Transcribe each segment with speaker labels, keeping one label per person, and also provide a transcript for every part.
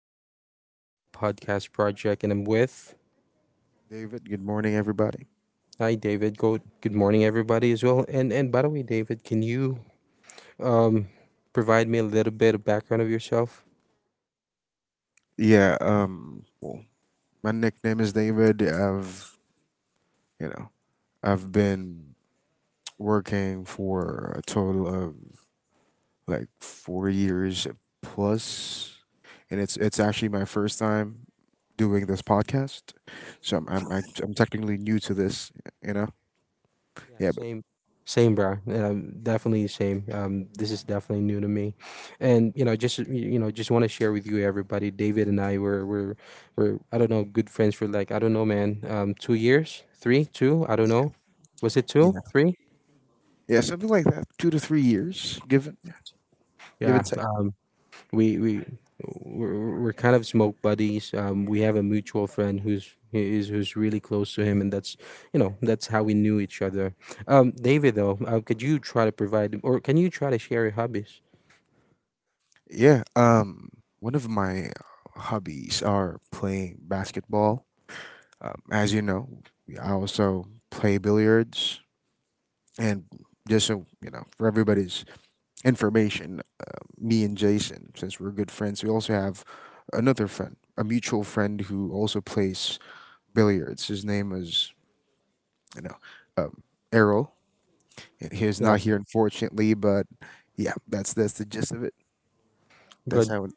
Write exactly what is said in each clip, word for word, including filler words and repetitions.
Speaker 1: with Riverside's podcast project, and I'm with
Speaker 2: David, good morning, everybody.
Speaker 1: hi, David. Go. Good morning, everybody, as well. And and by the way, David, can you um provide me a little bit of background of yourself?
Speaker 2: Yeah, um, well, my nickname is David. I've, you know, I've been working for a total of like four years plus, and it's it's actually my first time doing this podcast, so I'm I'm, I- I'm technically new to this, you know.
Speaker 1: Yeah.
Speaker 2: Yeah, but
Speaker 1: Same. Same, bro. Um, definitely the same. Um, this is definitely new to me, and, you know, just, you know, just want to share with you, everybody. David and I were were were, I don't know, good friends for, like, I don't know, man. Um, two years, three, two. I don't know. Was it two,
Speaker 2: yeah,
Speaker 1: three?
Speaker 2: yeah, something like that, two to three years, given given
Speaker 1: Yeah,
Speaker 2: take.
Speaker 1: uh, we we we're, we're kind of smoke buddies. Um, we have a mutual friend who's is who's really close to him, and that's you know that's how we knew each other. Um, David, though, uh, could you try to provide, or can you try to share your hobbies?
Speaker 2: Yeah, um, One of my hobbies are playing basketball. Um, as you know, I also play billiards, and just so you know, for everybody's information, uh, me and Jason, since we're good friends, we also have another friend, a mutual friend who also plays billiards. His name is you know um, Errol, and he is
Speaker 1: Yeah,
Speaker 2: not here, unfortunately, but yeah, that's that's the gist of it. That's
Speaker 1: good.
Speaker 2: how It,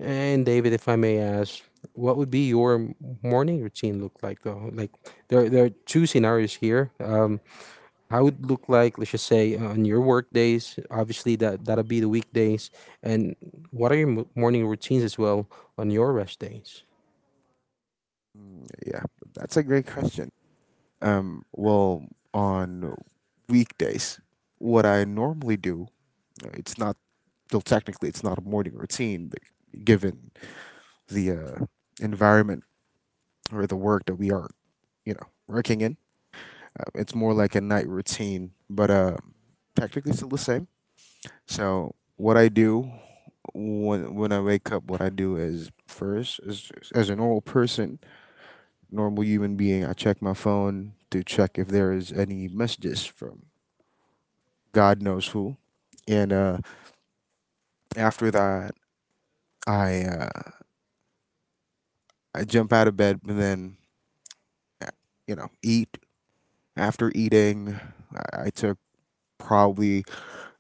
Speaker 1: And David, if I may ask, what would be your m- morning routine look like, though? Like, there there are two scenarios here. Um, how it look like, let's just say, uh, on your work days, obviously that that'll be the weekdays, and what are your mo- morning routines as well on your rest days?
Speaker 2: Mm, yeah, that's a great question. Um, well, on weekdays, what I normally do, It's not, still technically it's not a morning routine, but given the uh, environment or the work that we are, you know, working in, uh, it's more like a night routine, but uh, technically still the same. So what I do when when I wake up, what I do is first, as as a normal person, normal human being, I check my phone to check if there is any messages from God knows who, and uh, after that, I uh, I jump out of bed and then, you know, eat. After eating, I, I took probably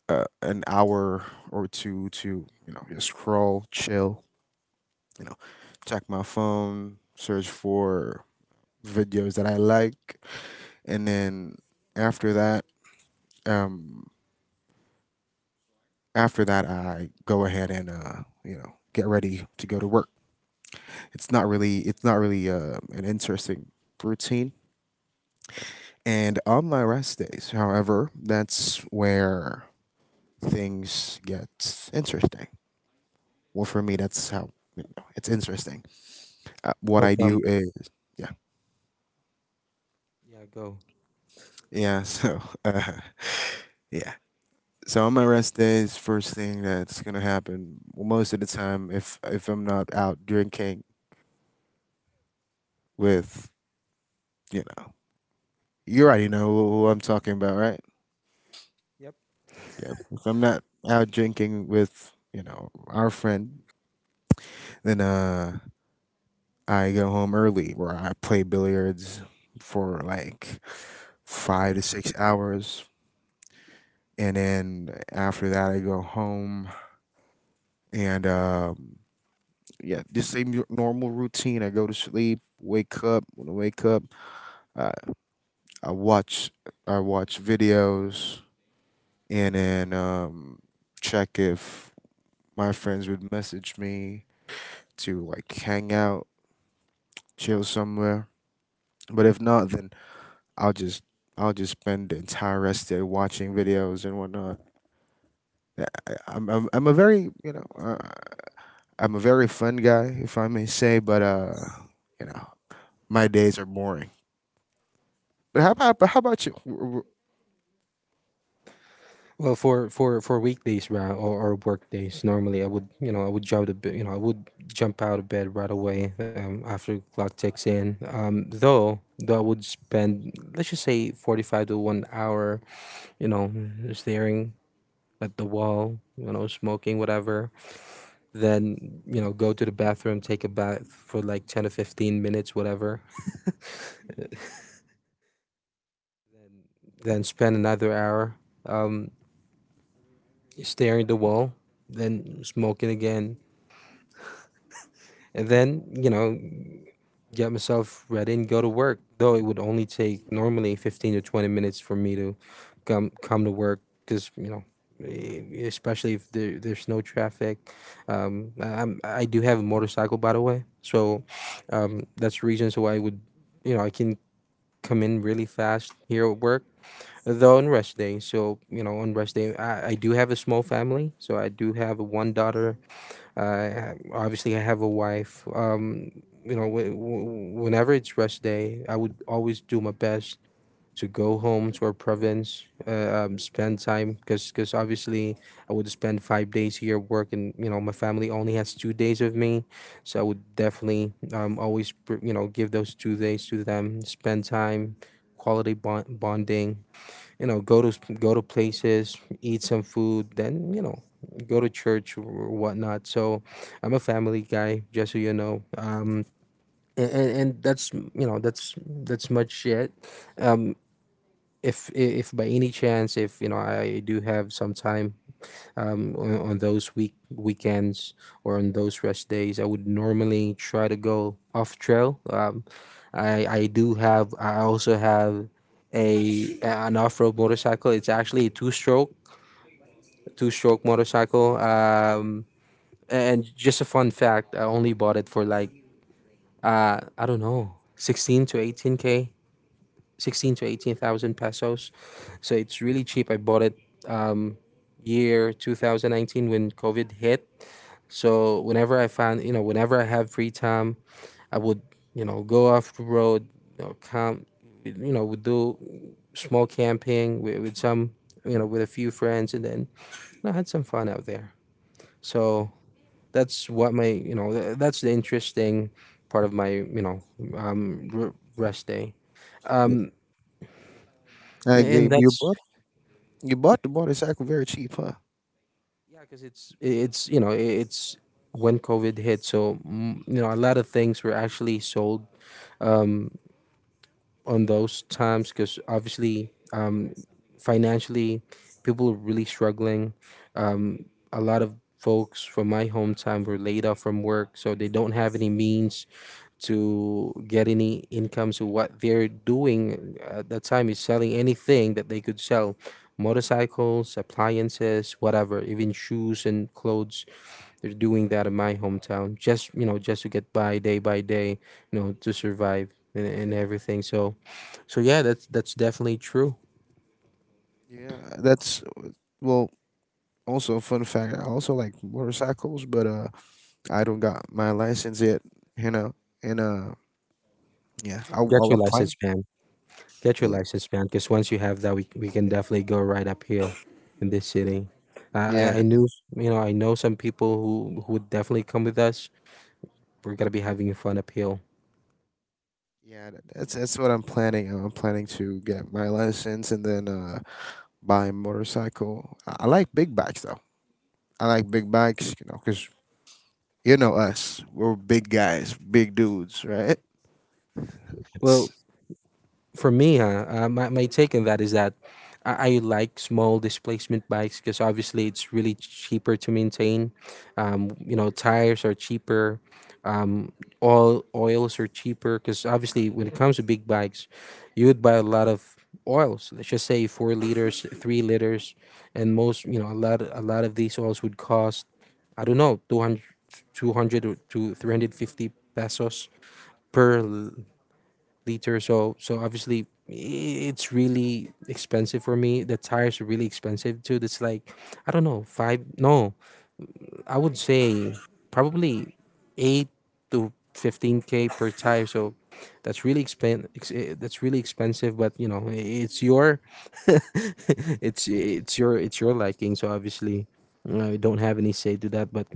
Speaker 2: uh, an hour or two to, you know, just scroll, chill, you know, check my phone, search for videos that I like. And then after that, um, after that, I go ahead and, uh, you know, get ready to go to work. It's not really, it's not really uh, an interesting routine. And on my rest days, however, that's where things gets interesting. Well, for me, that's how, you know, it's interesting. Uh, what
Speaker 1: How
Speaker 2: I
Speaker 1: come?
Speaker 2: do is, yeah,
Speaker 1: Yeah, go.
Speaker 2: yeah. So, uh, yeah. So on my rest days, first thing that's gonna happen, well, most of the time, if if I'm not out drinking with, you know, you already know who who I'm talking about, right?
Speaker 1: Yep.
Speaker 2: Yeah. If I'm not out drinking with, you know, our friend, then uh, I go home early, where I play billiards for like five to six hours, and then after that I go home and um, yeah, just same normal routine. I go to sleep, wake up. When I wake up, uh, I watch I watch videos and then um, check if my friends would message me to like hang out, chill somewhere. But if not, then I'll just I'll just spend the entire rest of the day watching videos and whatnot. I- I- I'm I'm, I'm a very, you know, I, I'm a very fun guy, if I may say, but uh, you know, my days are boring. But how about but how about you? W- w-
Speaker 1: Well, for for for weekdays, right, or, or work days, normally i would you know i would jump to bed, you know I would jump out of bed right away, um, after clock ticks in. Um though though I would spend, let's just say, forty-five to one hour, you know staring at the wall, you know smoking whatever, then, you know go to the bathroom, take a bath for like ten or fifteen minutes whatever. Then spend another hour, um, staring at the wall, then smoking again, and then, you know get myself ready and go to work. Though it would only take normally fifteen to twenty minutes for me to come come to work, because, you know, e- especially if there, there's no traffic. Um, I- I'm, I do have a motorcycle, by the way, so, um, that's the reason why, I would, you know, I can come in really fast here at work. Though on rest day, so you know, on rest day, I, I do have a small family, so I do have one daughter. I obviously I have a wife. Um, you know, w- w- whenever it's rest day, I would always do my best to go home to our province, uh, um, spend time, because because obviously I would spend five days here at work, and, you know my family only has two days of me, so I would definitely, um always, pr- you know give those two days to them, spend time, quality bond- bonding, you know go to go to places, eat some food, then, you know go to church or whatnot. So I'm a family guy, just so you know. um and, and that's you know that's that's much it. um if, if by any chance, if, you know I do have some time, um, on, on those week weekends or on those rest days, I would normally try to go off trail. Um, I I do have I also have a an off road motorcycle. It's actually a two stroke two stroke motorcycle. Um, and just a fun fact, I only bought it for, like, uh I don't know, sixteen to eighteen k. sixteen to eighteen thousand pesos. So it's really cheap. I bought it, um, year twenty nineteen, when COVID hit. So whenever I find, you know, whenever I have free time, I would, you know, go off the road, you know, camp, you know, would do small camping with, with some, you know, with a few friends, and then, you know, I had some fun out there. So that's what my, you know, th- that's the interesting part of my, you know, um, r- rest day,
Speaker 2: w- I agree.
Speaker 1: and
Speaker 2: You
Speaker 1: that's
Speaker 2: bought you bought the motorcycle very cheap, huh?
Speaker 1: yeah. Because it's, it's you know i- it's when COVID hit. So, mm, you know a lot of things were actually sold. Um, on those times, because obviously, um, financially, people were really struggling, um, a lot of folks from my hometown were laid off from work, so they don't have any means to get any income. So what they're doing at that time is selling anything that they could sell: motorcycles, appliances, whatever, even shoes and clothes. They're doing that in my hometown, just, you know, just to get by day by day, you know, to survive and, and everything. So, so, yeah, that's that's definitely true.
Speaker 2: Yeah, that's well. Also, a fun fact, I also like motorcycles, but uh, I don't got my license yet. You know, and uh, yeah, I, I-
Speaker 1: Get your
Speaker 2: I'm planning.
Speaker 1: license, man. Get your
Speaker 2: Yeah,
Speaker 1: license, man. Because once you have that, we we can definitely go right uphill in this city. I I I
Speaker 2: yeah,
Speaker 1: knew, you know, I know some people who who would definitely come with us. We're gonna be having fun uphill.
Speaker 2: yeah. tha- That's that's what I'm planning. I'm planning to get my license and then uh, buy a motorcycle. I, I like big bikes though. I like big bikes, you know, because you know us, we're big guys, big dudes, right?
Speaker 1: Well, for me, huh, uh, my, my take on that is that, I, I like small displacement bikes, because obviously it's really cheaper to maintain. Um, you know, tires are cheaper, um, oil oils are cheaper, because obviously when it comes to big bikes, you would buy a lot of oils. Let's just say four liters, three liters, and most you know a lot a lot of these oils would cost, I don't know, two hundred, two hundred or to three hundred fifty pesos per liter. So so obviously, i- it's really expensive for me. The tires are really expensive too. That's, like, I don't know, five. No, I would say probably eight to fifteen k per tire. So that's really expen. ex- eh, that's really expensive. But, you know i- it's your it's it's your it's your liking. So obviously. you know, I don't have any say to that, but